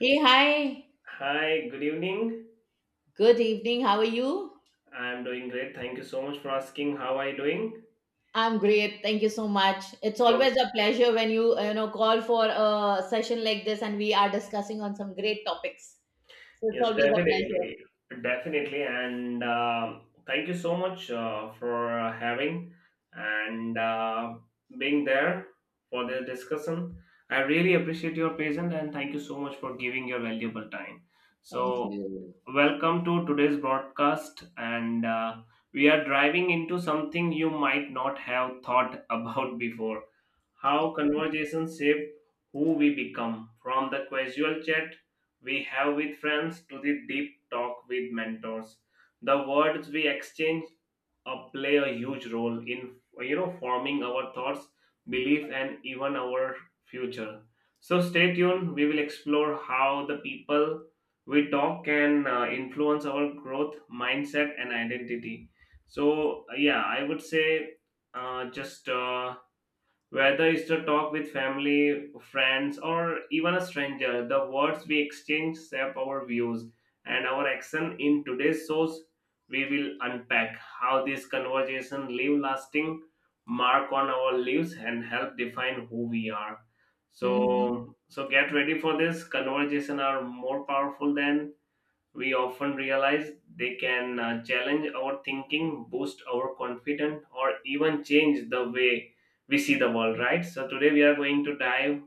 Hey, hi. Hi, good evening. Good evening. How are you? I'm doing great. Thank you so much for asking. How are you doing? I'm great. Thank you so much. It's always a pleasure when you, call for a session like this and we are discussing on some great topics. So it's Yes, always a pleasure. definitely, definitely, and thank you so much for having and being there for this discussion. I really appreciate your patience and thank you so much for giving your valuable time. Thank So, you. welcome to today's broadcast, and we are driving into something you might not have thought about before: how conversations shape who we become, from the casual chat we have with friends to the deep talk with mentors. The words we exchange play a huge role in forming our thoughts, belief, and even our future. So stay tuned. We will explore how the people we talk can influence our growth, mindset, and identity. So yeah, I would say just. Whether it's to talk with family, friends, or even a stranger, the words we exchange shape our views and our action. In today's shows, we will unpack how this conversation leave lasting mark on our lives and help define who we are. Mhm. So get ready for this. Conversation are more powerful than we often realize. They can challenge our thinking, boost our confidence, or even change the way we see the world, right? So today we are going to dive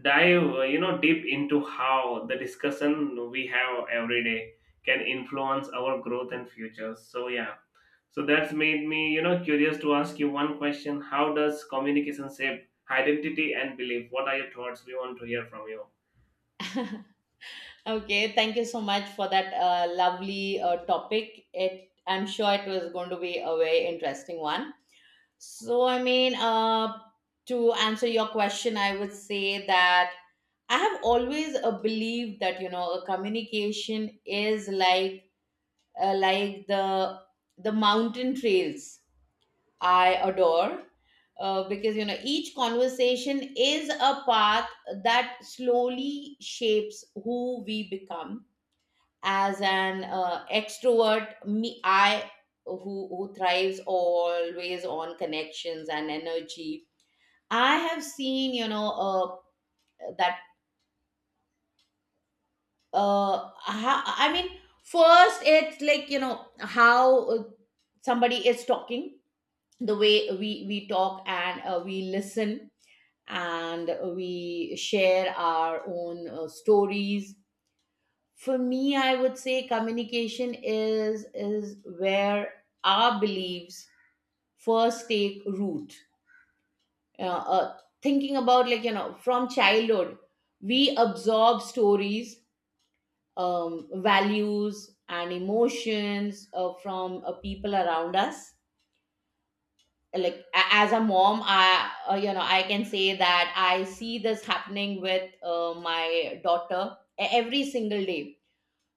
dive deep into how the discussion we have every day can influence our growth and future. So yeah. So that's made me, you know, curious to ask you one question. How does communication shape identity and belief? What are your thoughts? We want to hear from you. Okay, thank you so much for that lovely topic. It I'm sure it was going to be a very interesting one. So I mean, to answer your question, I would say that I have always believed that a communication is like uh, like the the mountain trails I adore. Because each conversation is a path that slowly shapes who we become as an extrovert, me, I who thrives always on connections and energy. I have seen, that, I mean, first it's like, how somebody is talking, the way we talk and we listen, and we share our own stories. For me, I would say communication is where our beliefs first take root. Thinking about, like, from childhood, we absorb stories, values, and emotions from people around us. Like, as a mom, I, I can say that I see this happening with my daughter, every single day.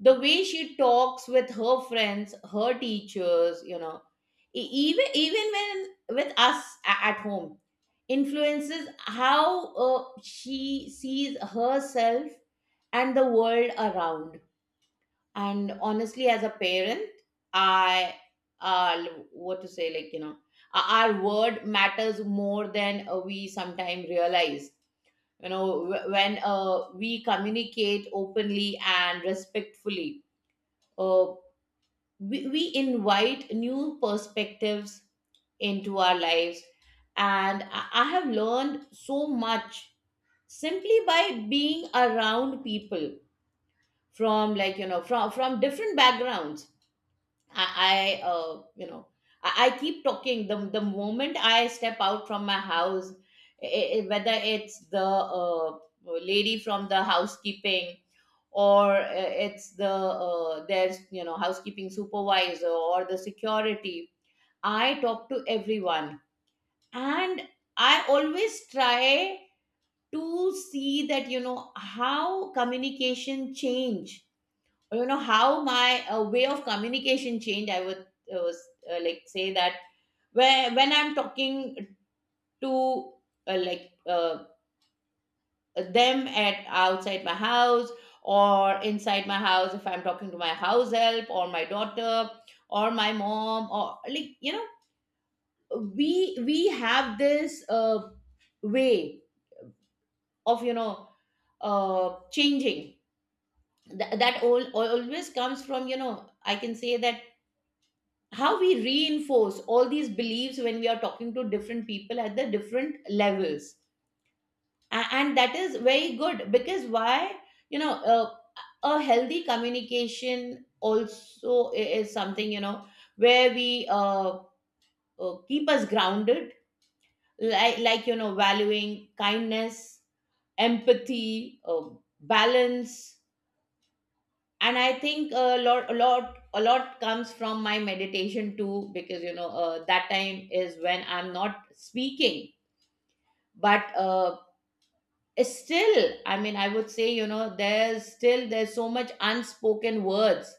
The way she talks with her friends, her teachers, even when with us, at home, influences how she sees herself and the world around. And honestly, as a parent, I, uh what to say, like, our word matters more than we sometimes realize. When we communicate openly and respectfully, uh, we invite new perspectives into our lives. And I have learned so much simply by being around people, from like, from different backgrounds. I, I uh, you know I, I keep talking. The moment I step out from my house, whether it's the uh, lady from the housekeeping, or it's the there's, housekeeping supervisor, or the security, I talk to everyone. And I always try to see that how communication change, or how my way of communication change. I would like say that, where when I'm talking to, uh, like uh, them at outside my house, or inside my house, if I'm talking to my house help or my daughter or my mom, or, like, we have this way of, changing. That all always comes from, I can say that, how we reinforce all these beliefs when we are talking to different people at the different levels. And that is very good, because why, you know uh, a healthy communication also is something, where we keep us grounded, like, valuing kindness, empathy, balance. And I think a lot, a lot, a lot comes from my meditation too, because that time is when I'm not speaking, but still, I mean, I would say, there's still, there's so much unspoken words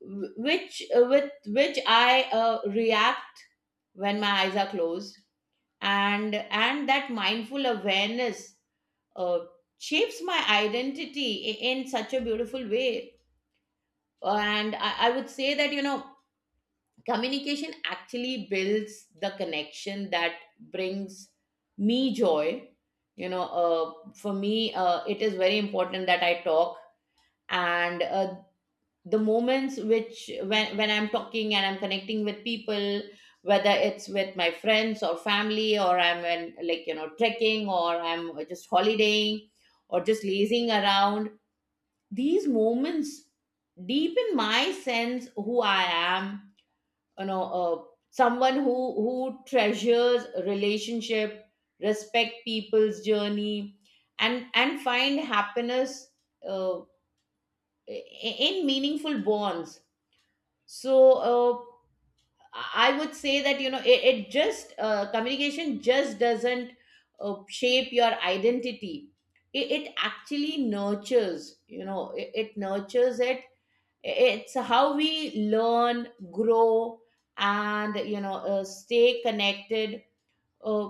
which, with which I react when my eyes are closed. And that mindful awareness uh, shapes my identity in such a beautiful way. And I would say that communication actually builds the connection that brings me joy. For me, it is very important that I talk. And the moments, which when I'm talking and I'm connecting with people, whether it's with my friends or family, or I'm in, like, trekking, or I'm just holidaying, or just lazing around, these moments deepen my sense who I am, you know uh, someone who treasures a relationship, respect people's journey, and find happiness, uh, in meaningful bonds. So, uh, I would say that, it just, communication just doesn't shape your identity. It actually nurtures, it nurtures it. It's how we learn, grow, and stay connected, uh,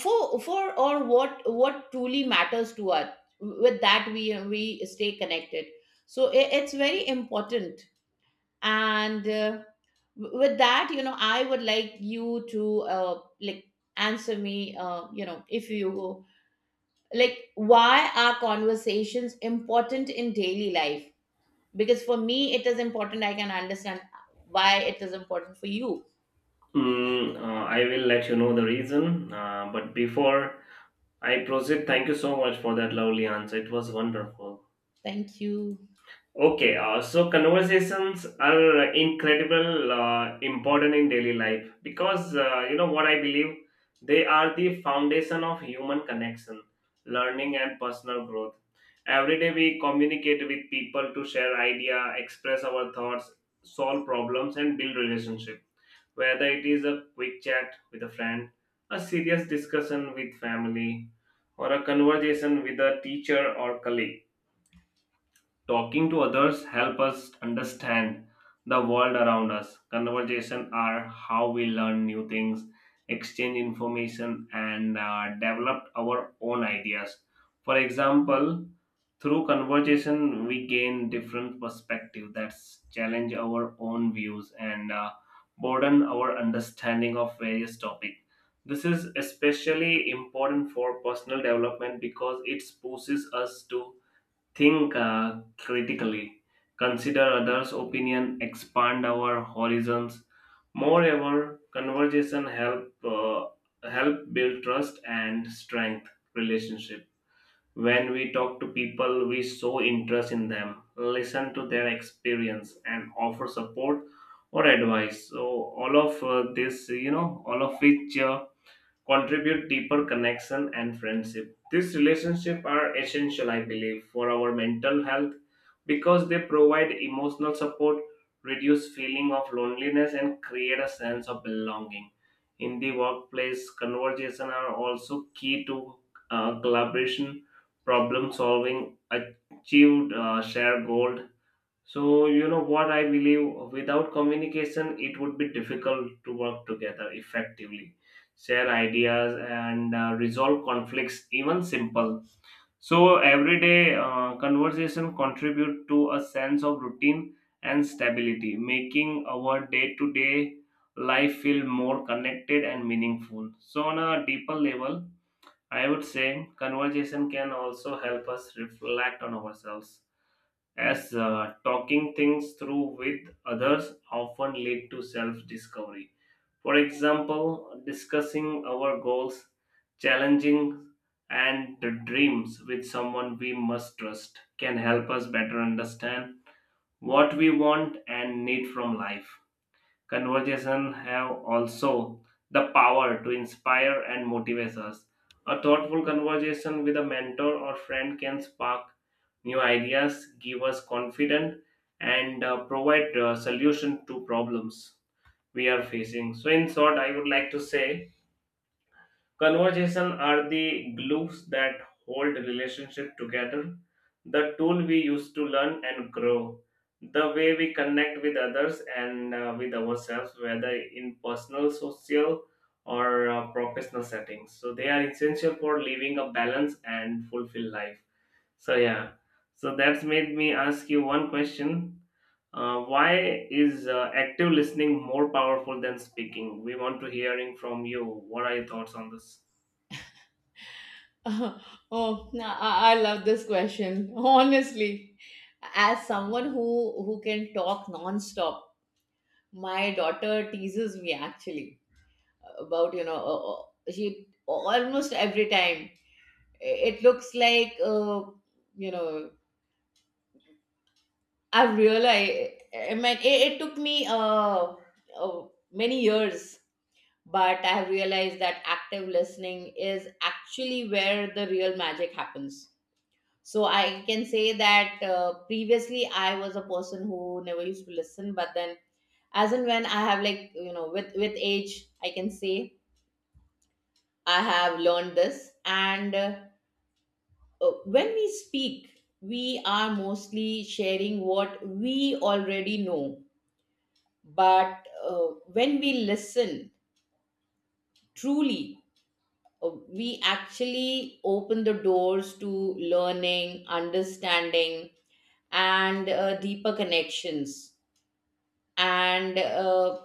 for or what truly matters to us. With that, we stay connected. So it's very important. And, with that, I would like you to, like, answer me, if you like, why are conversations important in daily life? Because for me it is important, I can understand why it is important for you. I will let you know the reason. But before I proceed, thank you so much for that lovely answer. It was wonderful. Thank you. Okay, so conversations are incredible, important in daily life because, you know what I believe. They are the foundation of human connection, learning, and personal growth. Every day we communicate with people to share idea, express our thoughts, solve problems, and build relationship, whether it is a quick chat with a friend, a serious discussion with family, or a conversation with a teacher or colleague. Talking to others help us understand the world around us. Conversation are how we learn new things, exchange information, and develop our own ideas. For example, through conversation we gain different perspective that challenge our own views and broaden our understanding of various topic. This is especially important for personal development because it pushes us to think critically, consider others' opinion, expand our horizons. Moreover, conversation help build trust and strength relationship. When we talk to people, we show interest in them, listen to their experience, and offer support or advice. So all of, this, you know, all of which, uh, contribute deeper connection and friendship. These relationships are essential, I believe, for our mental health because they provide emotional support, reduce feeling of loneliness, and create a sense of belonging. In the workplace, conversation are also key to collaboration, problem solving, achieved shared goal. So, you know what I believe, without communication, it would be difficult to work together effectively, share ideas, and resolve conflicts, even simple. So everyday conversation contribute to a sense of routine and stability, making our day to day life feel more connected and meaningful. So, on a deeper level, I would say conversation can also help us reflect on ourselves, as talking things through with others often lead to self-discovery. For example, discussing our goals, challenging and dreams with someone we must trust can help us better understand what we want and need from life. Conversation have also the power to inspire and motivate us. A thoughtful conversation with a mentor or friend can spark new ideas, give us confidence, and provide solution to problems we are facing. So, in short, I would like to say, conversation are the glues that hold relationship together, the tool we use to learn and grow, the way we connect with others and with ourselves, whether in personal, social, or professional settings. So they are essential for living a balanced and fulfilled life. So yeah, so that's made me ask you one question. Why is active listening more powerful than speaking? We want to hearing from you. What are your thoughts on this? Oh, no, I love this question. Honestly, as someone who can talk nonstop. My daughter teases me actually about, she almost every time, it looks like, you know I've realized, I mean, it took me uh, many years, but I have realized that active listening is actually where the real magic happens. So I can say that, previously I was a person who never used to listen, but then, as and when I have, like, with, age, I can say, I have learned this. And, when we speak, we are mostly sharing what we already know, but when we listen truly, we actually open the doors to learning, understanding, and deeper connections. And,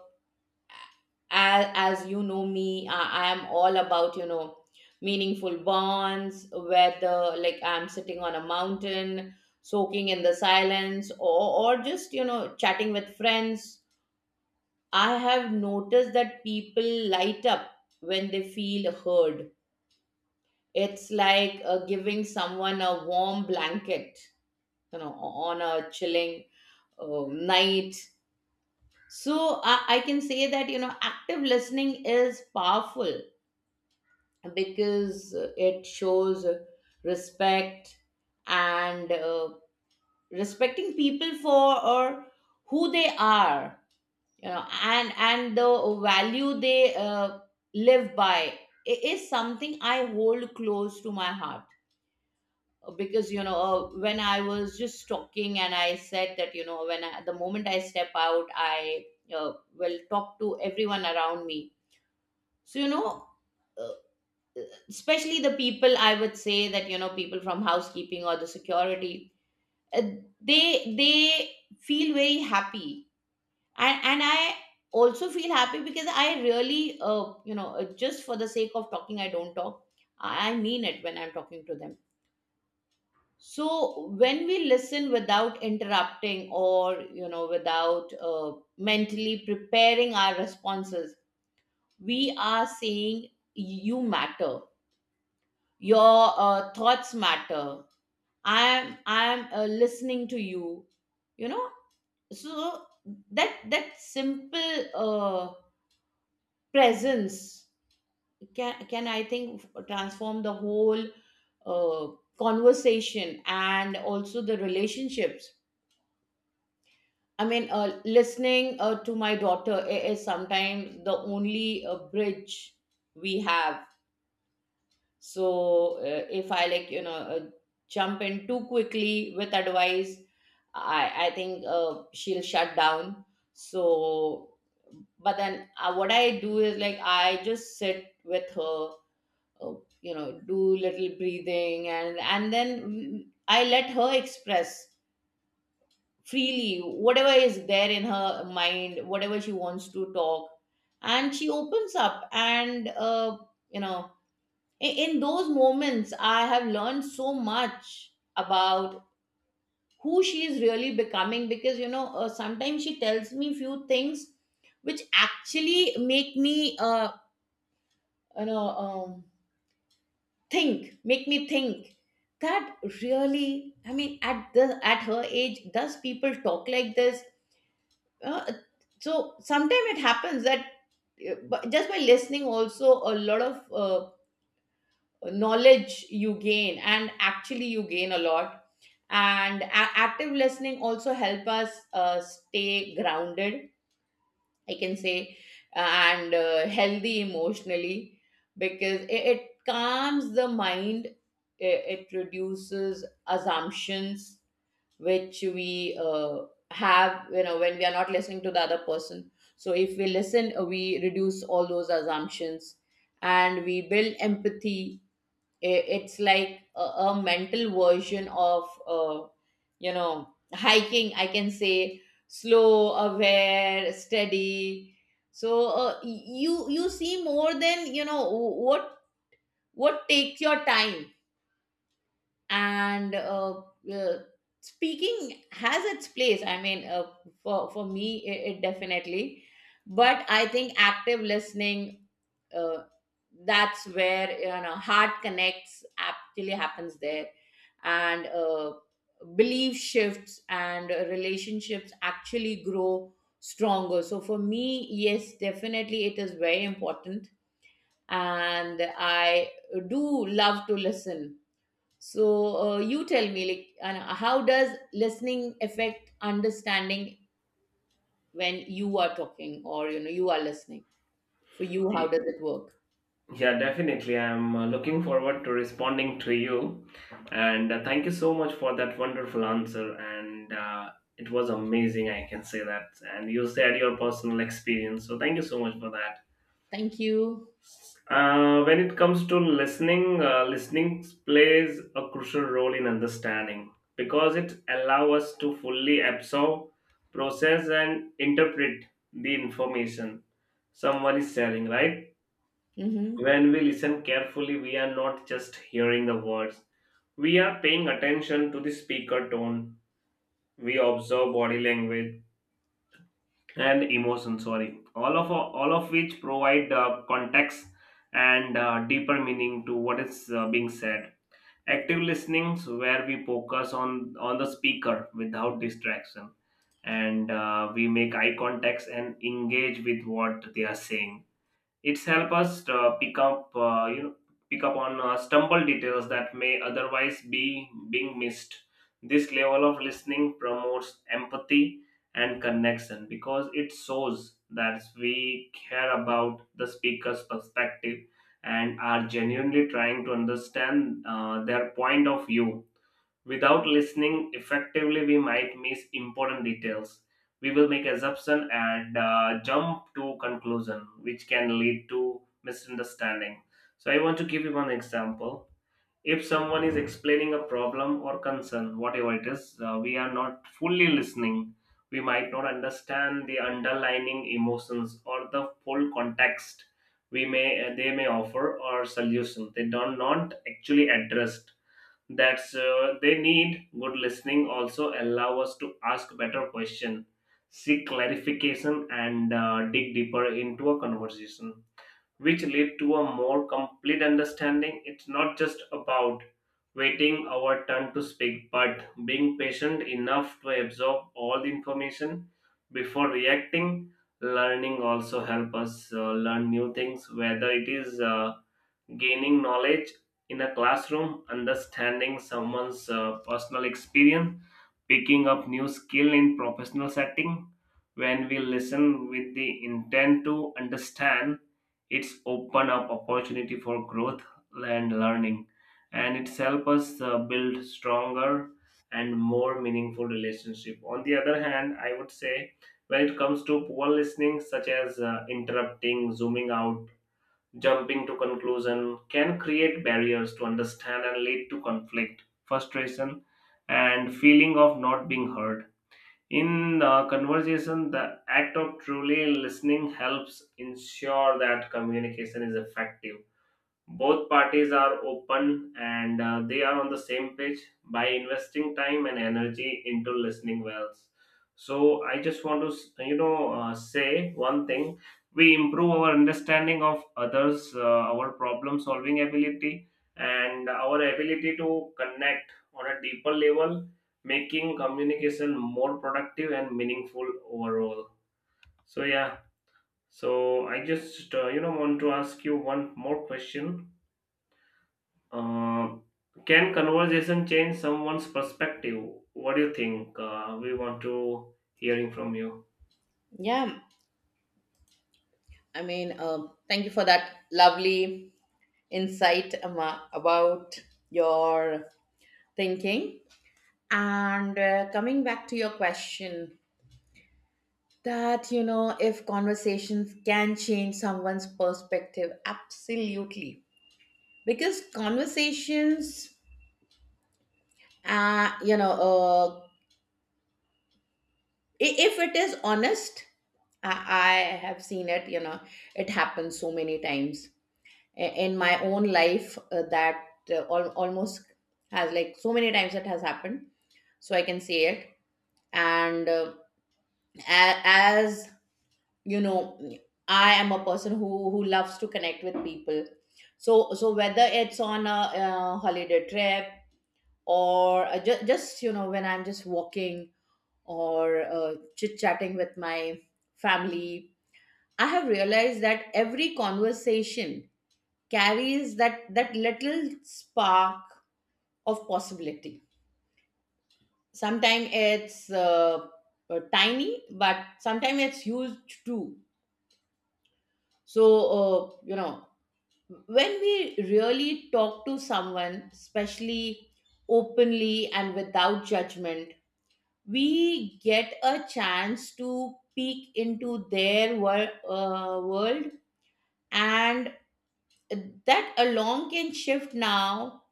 as, you know me, I am all about, meaningful bonds, whether, like, I'm sitting on a mountain, soaking in the silence, or, just, chatting with friends. I have noticed that people light up when they feel heard. It's like, giving someone a warm blanket, on a chilling night. So I can say that, active listening is powerful because it shows respect, and, respecting people for or who they are, and the value they live by is something I hold close to my heart. Because, when I was just talking and I said that, when I, the moment I step out, I will talk to everyone around me. So, uh, especially the people, I would say that, people from housekeeping or the security, uh, they, feel very happy. And I also feel happy, because I really, just for the sake of talking, I don't talk. I mean it when I'm talking to them. So when we listen without interrupting, or, without mentally preparing our responses, we are saying, you matter. Your thoughts matter. I am, listening to you. You know, so that simple presence can, I think, transform the whole uh, conversation and also the relationships. I mean, listening to my daughter is sometimes the only bridge we have. So, if I, like, jump in too quickly with advice, I think she'll shut down. So, but then, what I do is, like, I just sit with her, uh, do little breathing, and then, I let her express freely whatever is there in her mind, whatever she wants to talk, and she opens up. And, you know in, those moments I have learned so much about who she is really becoming, because, sometimes she tells me few things which actually make me, you know um, think make me think that, really, I mean, at the, at her age, does people talk like this? Uh, so sometimes it happens that, just by listening also, a lot of knowledge you gain, and actually you gain a lot. And active listening also help us stay grounded, I can say, and, healthy emotionally, because it calms the mind. It reduces assumptions which we have, when we are not listening to the other person. So if we listen, we reduce all those assumptions, and we build empathy. It's like a mental version of, hiking, I can say: slow, aware, steady. So you see more than what takes your time. And, uh, speaking has its place, I mean, for, me, it definitely. But I think active listening, uh, that's where, heart connects, actually happens there, and, belief shifts and relationships actually grow stronger. So for me, yes, definitely it is very important. And I do love to listen. So, you tell me, like, and how does listening affect understanding when you are talking, or, you are listening? For you, how does it work? Yeah, definitely. I'm looking forward to responding to you. And thank you so much for that wonderful answer. And it was amazing, I can say that. And you shared your personal experience. So thank you so much for that. Thank you. When it comes to listening, listening plays a crucial role in understanding because it allows us to fully absorb, process, and interpret the information someone is sharing, right? Hmm When we listen carefully, we are not just hearing the words, we are paying attention to the speaker tone. We observe body language and emotion, sorry. All of which provide context and deeper meaning to what is being said. Active listening, where we focus on the speaker without distraction, and we make eye contacts and engage with what they are saying, it's help us pick up on stumble details that may otherwise be being missed. This level of listening promotes empathy and connection because it shows that we care about the speaker's perspective and are genuinely trying to understand their point of view. Without listening effectively, we might miss important details. We will make assumption and jump to conclusion, which can lead to misunderstanding. So I want to give you one example. If someone is explaining a problem or concern, whatever it is, we are not fully listening, we might not understand the underlying emotions or the full context. We may they may offer or solution. They do not actually addressed that's they need. Good listening also allow us to ask better question, seek clarification, and dig deeper into a conversation, which lead to a more complete understanding. It's not just about waiting our turn to speak but being patient enough to absorb all the information before reacting. Learning also help us learn new things, whether it is gaining knowledge in a classroom, understanding someone's personal experience, picking up new skill in professional setting. When we listen with the intent to understand, it's open up opportunity for growth and learning, and it's help us build stronger and more meaningful relationship. On the other hand, I would say, when it comes to poor listening, such as interrupting, zooming out, jumping to conclusion, can create barriers to understand and lead to conflict frustration and feeling of not being heard. In conversation, the act of truly listening helps ensure that communication is effective, both parties are open and they are on the same page by investing time and energy into listening wells. So I just want to you know say one thing: we improve our understanding of others, our problem solving ability, and our ability to connect on a deeper level, making communication more productive and meaningful overall. So yeah. So I just you know want to ask you one more question. uh, can conversation change someone's perspective? What do you think? We want to hearing from you. Yeah, thank you for that lovely insight Amma, about your thinking. And coming back to your question, that you know, if conversations can change someone's perspective, absolutely because conversations uh you know uh if it is honest, I have seen it, you know, it happens so many times. In my own life, that almost, has, like, so many times it has happened, so I can say it. And as you know, I am a person who loves to connect with people. So whether it's on a, holiday trip, or just, you know, when I'm just walking, or chit chatting with my family, I have realized that every conversation carries that little spark of possibility. Sometimes it's tiny, but sometimes it's huge too. So you know, when we really talk to someone, especially openly and without judgment, we get a chance to peek into their world. And that alone can shift now,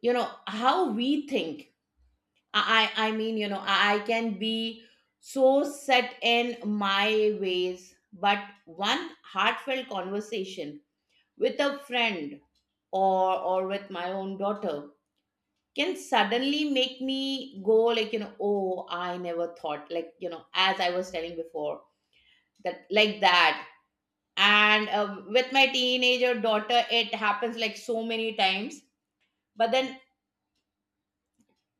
you know, how we think. I mean, you know, I can be so set in my ways, but one heartfelt conversation with a friend, or with my own daughter, can suddenly make me go like, you know, oh, I never thought, like, you know, as I was telling before, that, like that. And with my teenager daughter, it happens, like, so many times. But then,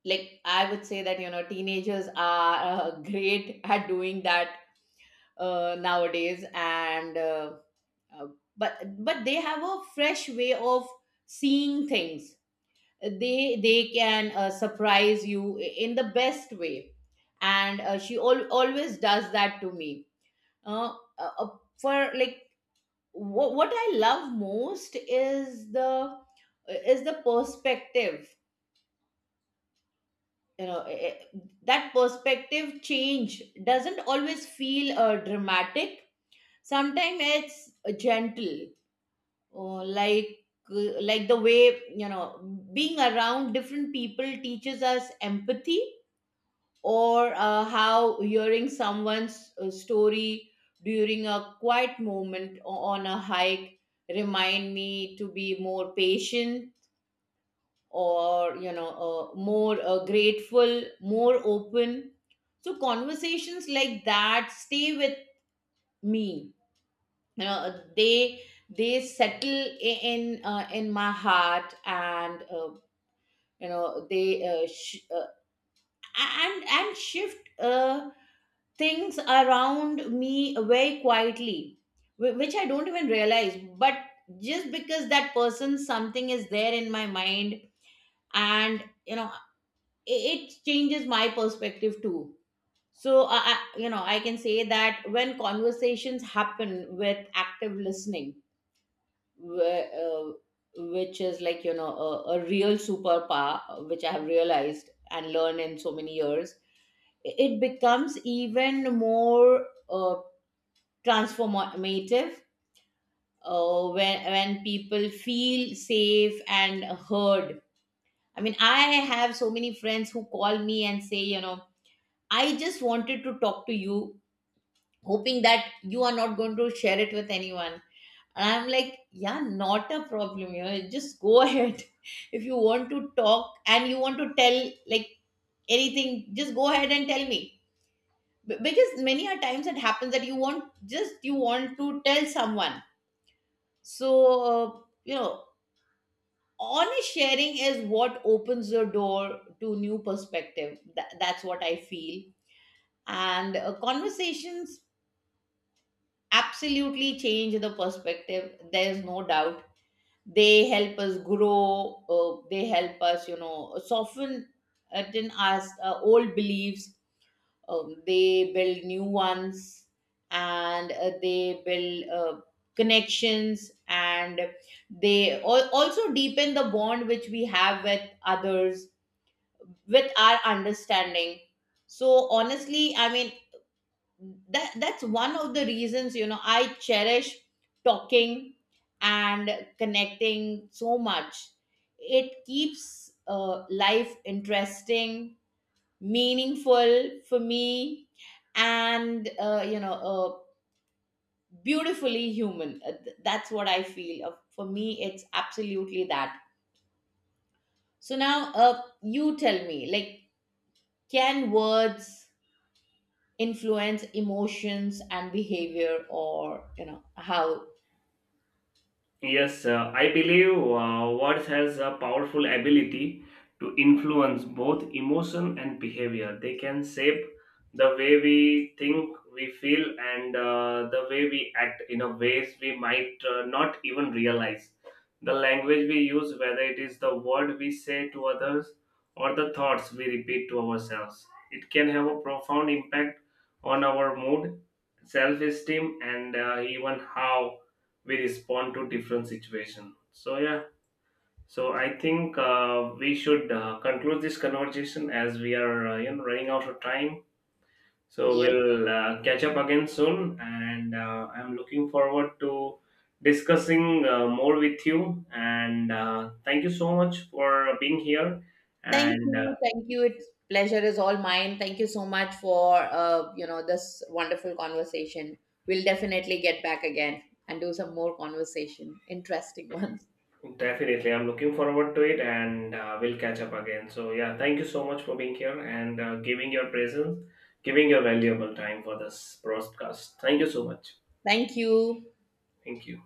like, I would say that, you know, teenagers are great at doing that nowadays. And uh, uh, but they have a fresh way of seeing things. They can surprise you in the best way. And she always does that to me. uh, uh, uh, for like, what I love most is the perspective, you know. That perspective change doesn't always feel dramatic. Sometimes it's gentle, like, like the way, you know, being around different people teaches us empathy, or how hearing someone's story during a quiet moment on a hike remind me to be more patient, or, you know, more grateful, more open. So conversations like that stay with me, you know, they settle in my heart. And you know, they and shift things around me very quietly, which I don't even realize. But just because that person, something is there in my mind, and, you know, it changes my perspective too. So, you know, I can say that when conversations happen with active listening, wh- uh, which is like, you know, a real superpower, which I have realized and learned in so many years, it becomes even more transformative when people feel safe and heard. I mean, I have so many friends who call me and say, you know, I just wanted to talk to you, hoping that you are not going to share it with anyone. And I'm like, yeah, not a problem, you know, just go ahead. If you want to talk and you want to tell, like, anything, just go ahead and tell me. Because many a times it happens that you want just you want to tell someone. So, you know, honest sharing is what opens the door to new perspective. That's what I feel. And conversations absolutely change the perspective. There's no doubt. They help us grow. They help us, you know, soften in us old beliefs. They build new ones, and they build connections, and they also deepen the bond which we have with others, with our understanding. So honestly, I mean, that's one of the reasons, you know, I cherish talking and connecting so much. It keeps life interesting, meaningful for me, and you know, beautifully human. That's what I feel. For me, it's absolutely that. So now, you tell me, like, can words influence emotions and behavior, or, you know, how? Yes, I believe words has a powerful ability to influence both emotion and behavior. They can shape the way we think, we feel, and the way we act in a ways we might not even realize. The language we use, whether it is the word we say to others or the thoughts we repeat to ourselves, it can have a profound impact on our mood, self-esteem, and even how we respond to different situation. So yeah, so I think we should conclude this conversation as we are you know running out of time. So Yes we'll catch up again soon, and I'm looking forward to discussing more with you. And thank you so much for being here. Thank And you, thank you. It's pleasure is all mine. Thank you so much for you know, this wonderful conversation. We'll definitely get back again and do some more conversation, interesting ones. definitely, I'm looking forward to it, and we'll catch up again. So yeah, thank you so much for being here and giving your presence, giving your valuable time for this broadcast. Thank you so much. Thank you. Thank you.